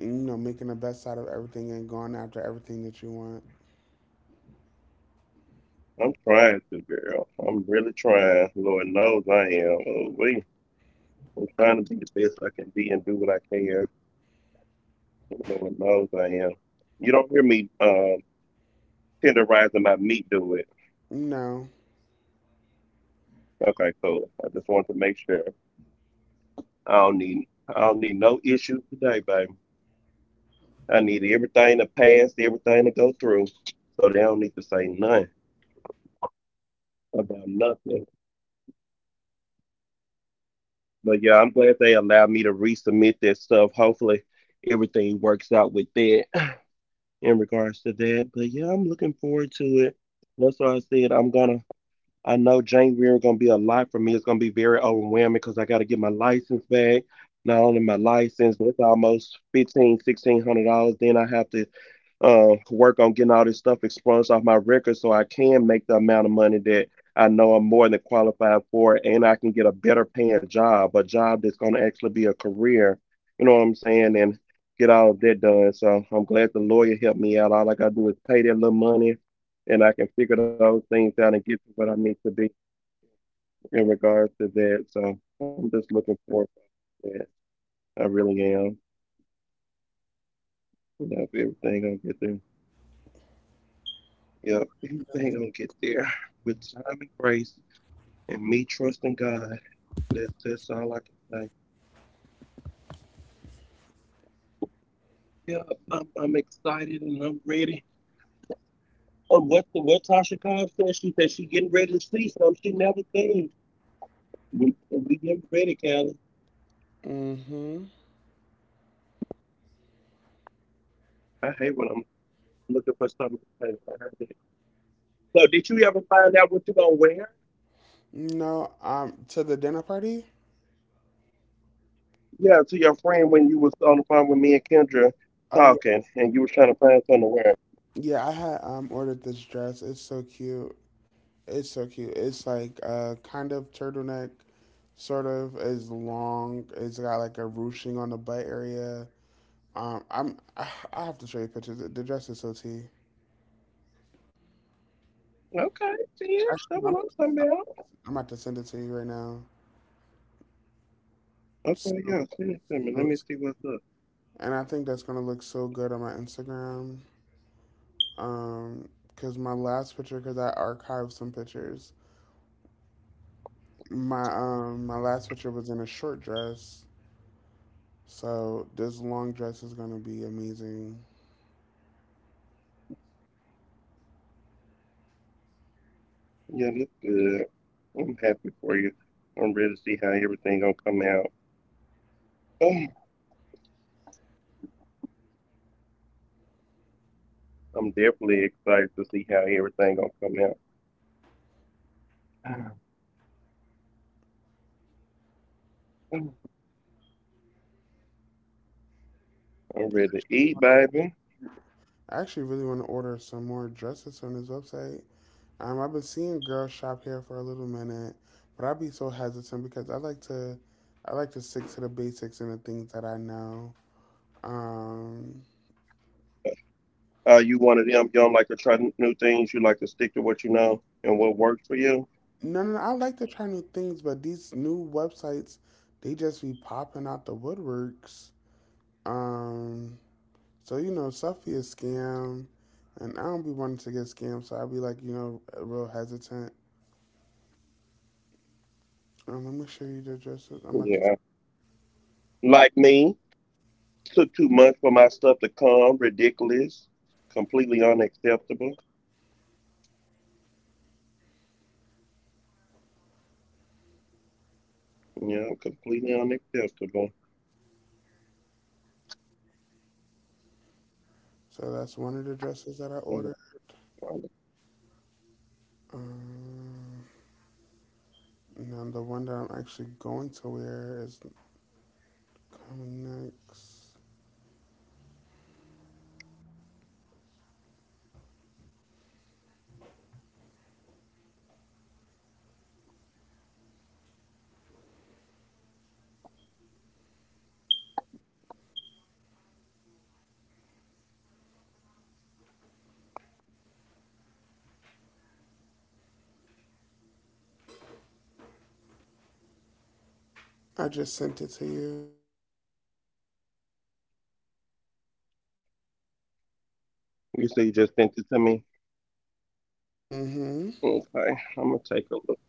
you know, making the best out of everything and going after everything that you want. I'm trying to, girl. I'm really trying. Lord knows I am. I'm trying to be the best I can be and do what I can. Lord knows I am. You don't hear me tenderizing my meat, do it. No. Okay, cool. I just want to make sure. I don't need I don't need no issues today, baby. I need everything to pass, everything to go through. So they don't need to say nothing about nothing. But yeah, I'm glad they allowed me to resubmit that stuff. Hopefully everything works out with that. In regards to that. But yeah, I'm looking forward to it. That's why I said I'm gonna. I know January gonna be a lot for me. It's gonna be very overwhelming because I gotta get my license back. Not only my license, but it's almost 15, $1,600. Then I have to work on getting all this stuff expunged off my record so I can make the amount of money that I know I'm more than qualified for and I can get a better paying job, a job that's going to actually be a career. You know what I'm saying? And get all of that done. So I'm glad the lawyer helped me out. All I got to do is pay that little money and I can figure those things out and get to what I need to be in regards to that. So I'm just looking forward to that. I really am. That's everything, I'll get there. Yep, everything gonna get there with time and grace and me trusting God. That's all I can say. Yeah, I'm excited and I'm ready. What Tasha Cobb said she getting ready to see something she never seen. We get ready, Callie. Mm-hmm. I hate when I'm looking for something to say. I hate it. So, did you ever find out what you gonna wear? No. To the dinner party. Yeah, to your friend when you was on the phone with me and Kendra Oh yeah, talking and you was trying to find something to wear. yeah. I had ordered this dress. It's so cute. It's so cute. It's like a kind of turtleneck, sort of is long. It's got like a ruching on the butt area. I have to show you pictures. The dress is so T. Okay, see, that's Actually, what I'm I'm talking about. I'm about to send it to you right now. Okay, So, yeah, send it to me. so Let me t- see what's up. and I think that's gonna look so good on my Instagram. Um, Cause my last picture, cause I archived some pictures. My my last picture was in a short dress, so this long dress is gonna be amazing. Yeah, that's good. I'm happy for you. I'm ready to see how everything gonna come out. I'm definitely excited to see how everything gonna come out. I'm ready to eat, baby. I actually really want to order some more dresses on his website. I've been seeing girls shop here for a little minute, but I'd be so hesitant because I like to stick to the basics and the things that I know. Um, Are you one of them? You don't like to try new things. You like to stick to what you know and what works for you. no, I like to try new things, but these new websites, they just be popping out the woodworks. Um, so you know, stuff be a scam, and I don't be wanting to get scammed, so I'd be like, you know, real hesitant. Let me show you the dresses. I'm about to. Yeah, like me, took too much for my stuff to come. Ridiculous, completely unacceptable. Yeah, completely unacceptable. So that's one of the dresses that I Mhm. ordered. Um, and the one that I'm actually going to wear is coming next. I just sent it to you. You say you just sent it to me? Mm-hmm. Okay, I'm gonna take a look.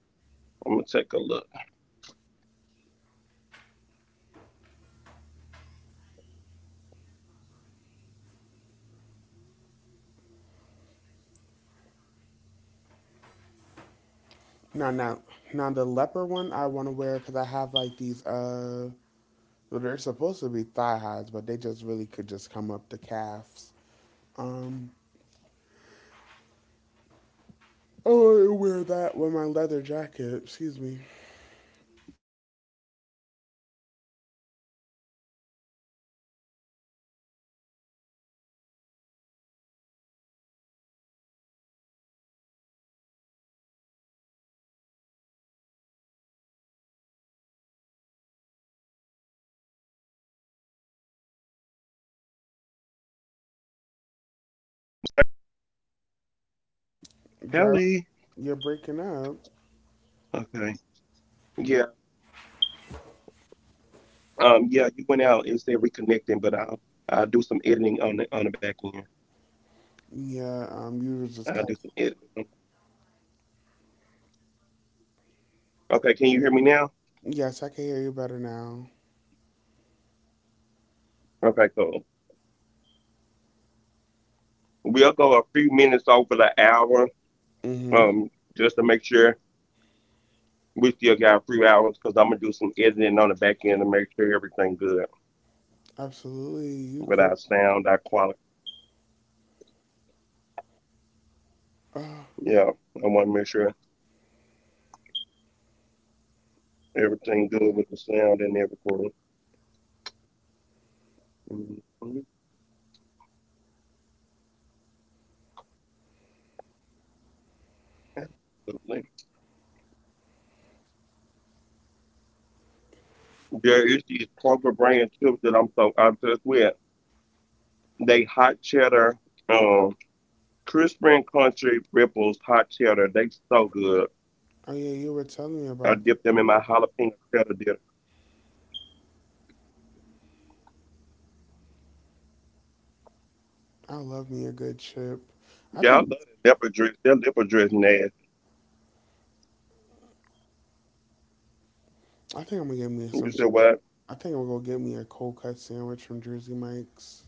I'm gonna take a look. Let me Now, take a now, look and now the see what leopard you one got I want to going. wear because I have like these. Well, they're supposed to be thigh highs, but they just really could just come Yeah, up I the calves. love that Um, leopard. Oh my God. That oh, leopard I wear print that with my nasty. And I leather love, jacket. Excuse me, yeah, that leopard print nasty. I love that leopard print. Can you hear me, Zayla? If I call you Zayla one more time, please cuss me out. I mean, can you hear me, Callie? Callie? Callie? Jar. You're breaking up. Okay. Yeah, yeah, you went out and said reconnecting, but I'll do some editing on the back end. Yeah. You were just kind. I'll do some editing. Okay, can you hear me now? Yes, I can hear you better now. Okay, cool. We'll go a few minutes over the hour, Mm-hmm. um, just to make sure we still got a few hours because I'm gonna do some editing on the back end to make sure everything good Absolutely. You with go. our sound, our quality. Oh, Yeah, I want to make sure everything good with the sound and everything. Mhm. Absolutely. There is these corporate brand tips that I'm so obsessed with. They hot cheddar, um, crispy and crunchy ripples, hot cheddar. They so good. oh yeah, you were telling me I about. dipped them in my jalapeno cheddar dip. I love me a good chip. I Yeah, I love think. that leopard dress. That leopard dress nasty. I think I'm gonna get me You some. said Chip. what? I think I'm gonna go get me a cold cut sandwich from Jersey Mike's.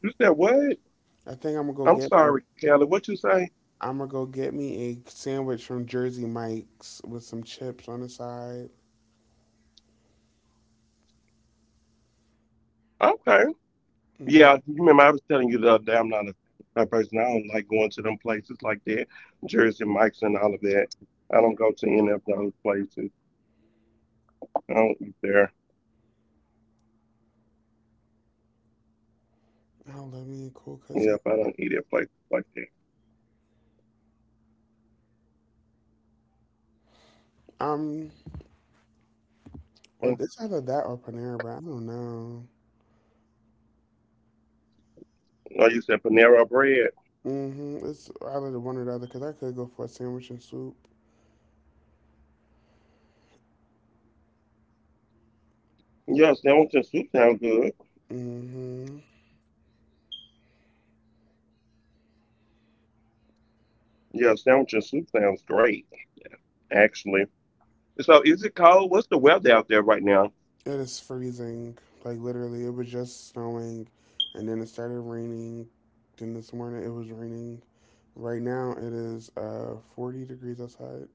You said what? I think I'm gonna go I'm get me. A, sorry, Kelly. What you say? I'm gonna go get me a sandwich from Jersey Mike's with some chips on the side. Okay. Mm, Yeah, you remember I was telling you the other day I'm not a type of person. I don't like going to them places like that, Jersey Mike's and all of that. I don't go to any of those places. I don't eat there. I love me a cold cut Yeah, sandwich. if I don't eat at places like Um, or that. this, either that or Panera Bread. I don't know. Oh, you said Panera Bread. Mm-hmm. It's either the one or the other because I could go for a sandwich and soup. Yeah, sandwich and soup sound good. Mm-hmm. Yeah, sandwich and soup sounds great, actually. So, is it cold? What's the weather out there right now? It is freezing. Like literally, it was just snowing, and then it started raining. Then this morning it was raining. Right now it is 40 degrees outside.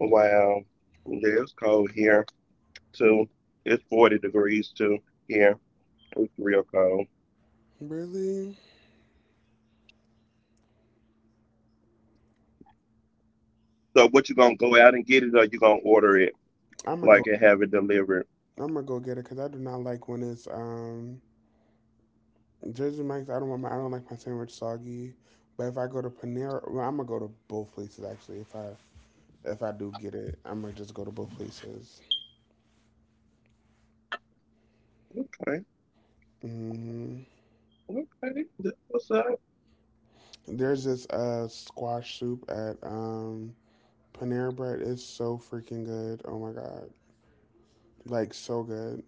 Wow, yeah, it's cold here too. It's 40 degrees too here. It's real cold. Really, So, what you gonna go out and get it, or you gonna order it I'm gonna like and go. have it delivered? I'm gonna go get it because I do not like when it's Jersey Mike's. I don't want my. I don't like my sandwich soggy. But if I go to Panera, well, I'm gonna go to both places actually. If I do get it, I'm gonna just go to both places. Okay, Hmm okay, that's what's up? There's this squash soup at Panera bread is so freaking good. Oh my god, like so good.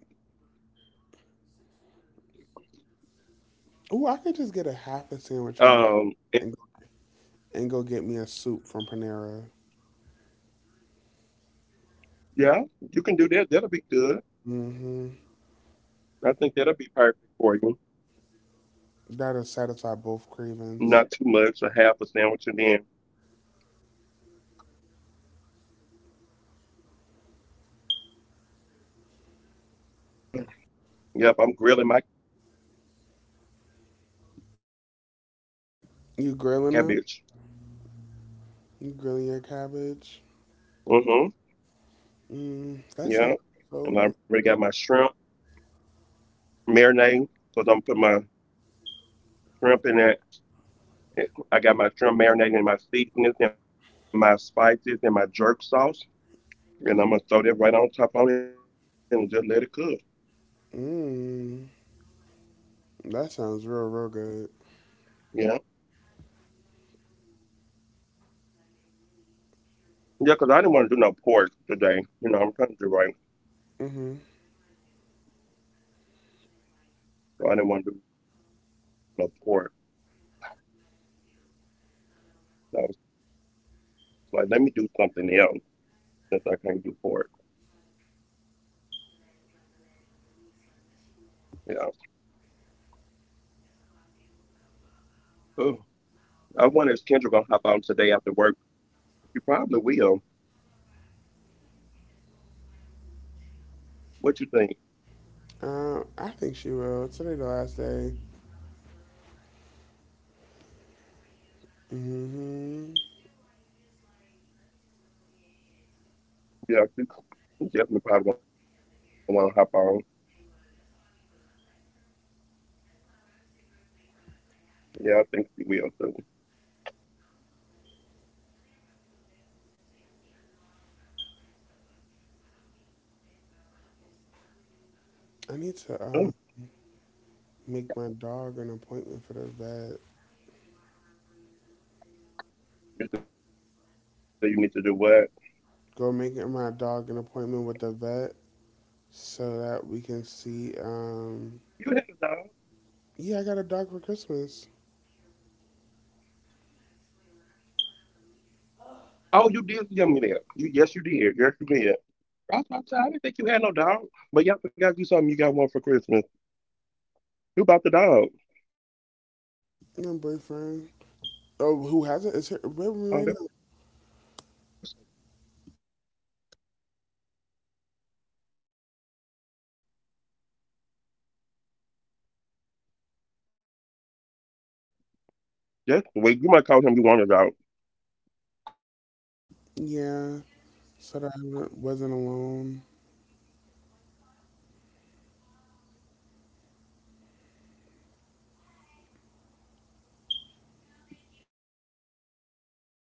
Oh, I could just get a half a sandwich from Jersey Um, it- and and go get me a soup from Panera. yeah, you can do that. That'll be good. Mm-hmm. I think that'll be perfect for you. That'll Not too satisfy both much, a half a cravings. sandwich, and then yeah. Right. Yeah, I think that'll be good. Yeah. Yep, I'm grilling my cabbage. You told me to do some cabbage, so You grilling I'm over them? here grilling my cabbage. You grilling your Mm-hmm. cabbage? Mm, Yeah, that sounds and I already so got good. my shrimp marinade because I'm putting my shrimp in that. I got my shrimp marinating in my seasonings and my spices and my jerk sauce, and I'm gonna throw that right on top on it and just let it cook. Mmm. That sounds real, real good. Yeah, yeah, because I didn't want to do no pork today. You know, I'm trying to do right, Mm-hmm. so I didn't want to do no pork. So I was like, let me do something else, since I can't do forward. Yeah. Oh, I wonder if Kendra gonna hop on today after work. She probably will. What you think? I think she will. Today the last day. Mm-hmm. Yeah, she definitely probably gonna wanna hop on. Yeah, I think she will too. I need to Oh, make my dog an appointment for the vet. you say you need to do what? Go make my dog an appointment with the vet so that we can see. I I didn't know you had a Yeah, I got a dog. dog for Christmas. Oh, you did tell me that. You, yes you did. Yes you did. I was about to say, I didn't think you had no dog. But yeah, I forgot you something, you got one for Christmas. Who bought the dog? My boyfriend. Oh, who has. It's her with me right now. Oh, that's sweet. You might call him you want a dog. Yeah, so Hmm. that I wasn't alone. Oh, that's sweet. Well, at least you got your man. I don't have one yet.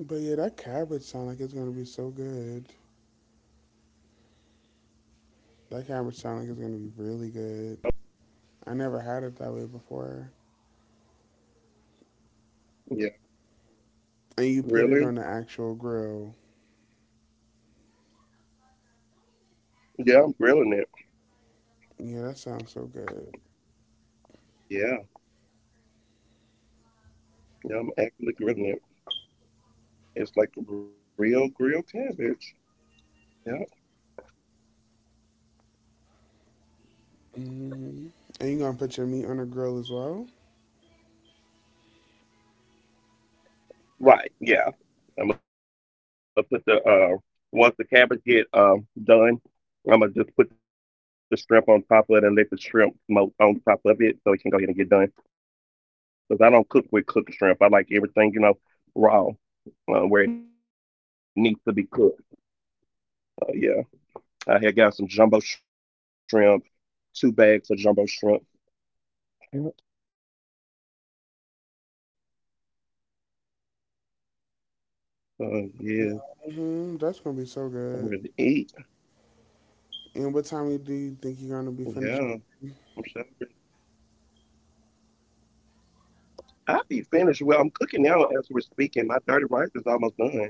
But yeah, that cabbage sound like it's gonna be so good. That cabbage Yeah, sound like it's I'm, gonna be I'm really ready, good. girl, for no grill. I never had it that way before. Yeah, really? And you put it on the actual grill. Yeah, I'm grilling it. Yeah, that sounds so good. Yeah, yeah, I'm actually grilling it. It's like real grilled cabbage. Yeah. Hmm And you gonna put your meat on the grill as well? Right. Yeah. I'm gonna put the once the cabbage get done, I'm gonna just put the shrimp on top of it and let the shrimp smoke on top of it so it can go ahead and get done. Because I don't cook with cooked shrimp. I like everything, you know, raw, where it needs to be cooked. So yeah. I had got some jumbo shrimp, two bags of jumbo shrimp. Yeah, Hmm That's I'm gonna be ready to so eat. good. And what time do you think you're gonna be Yeah, finished? I'm sorry. I'll be finished. Well, I'm cooking now as we're speaking. My dirty rice is almost done.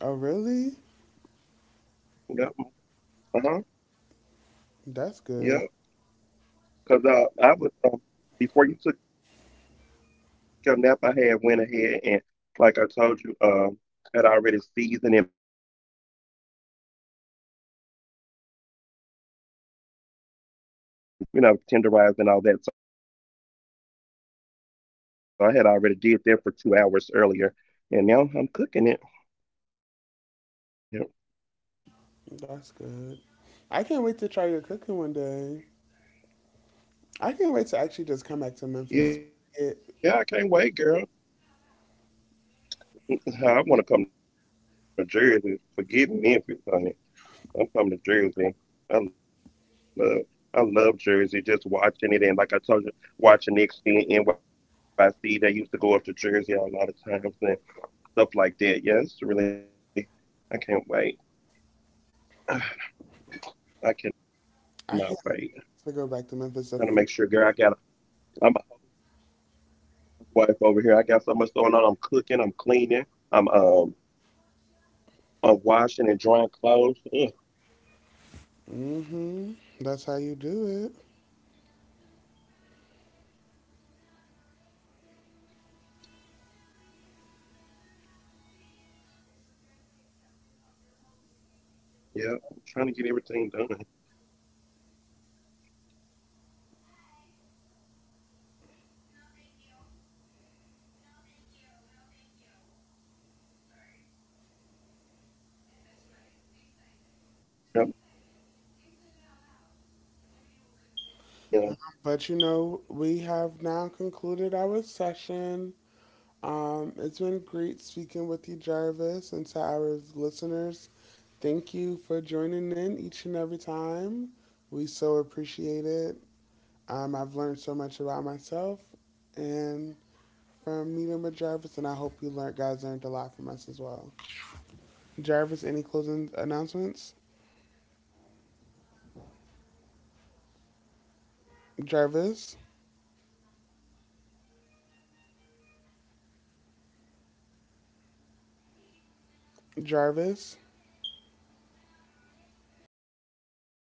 Oh, really? Yeah. Uh huh. Yeah. That's good. Because I was before you took your nap, I had went ahead and, like I told you, had already seasoned and marinated everything and let it soak. You know, because I don't believe in just cooking. I like to let my stuff soak and marinate and you know tenderize and all that. So I had already did that for 2 hours earlier, and now I'm cooking it. Yeah, That's I am good. cooking it. I can't wait to try your cooking one day. I can't wait to actually just come back to Memphis. Yeah, I It, can't wait, girl. I want to come to Jersey. Forgive me if it's on I'm coming to Jersey. I love, I love Jersey. Just watching it, and like I told you, watching Knicks and NYC. They used to go up to Jersey a lot of times and stuff like that. Yeah, it's really, I can't wait. I cannot I wait. can't wait to go back to Memphis to Gonna food. make sure, girl. I'm a housewife over here. I got so much going on. I'm cooking. I'm cleaning. I'm um, I'm washing and drying clothes. Ugh, Hmm That's how you do it. yeah, I'm trying to get everything done. Ugh, I, I need to see if they got my Uggs so I can buy 'em. Yep, that's what I need to check and see if they got my UGG boots But you know, so I can we buy have them. now concluded our session. It's been great speaking with you, Jarvis, and to our listeners. Thank you for joining in each and every time. We so appreciate it. I've learned so much about myself and from meeting with Jarvis, and I hope you learned, guys learned a lot from us as well. Jarvis, any closing announcements? Well, first, where are Jarvis, we for as minutes? Give me the exact amount. Yeah, can you hear me? Jarvis. Yeah, can you hear me, Callie? What's going on?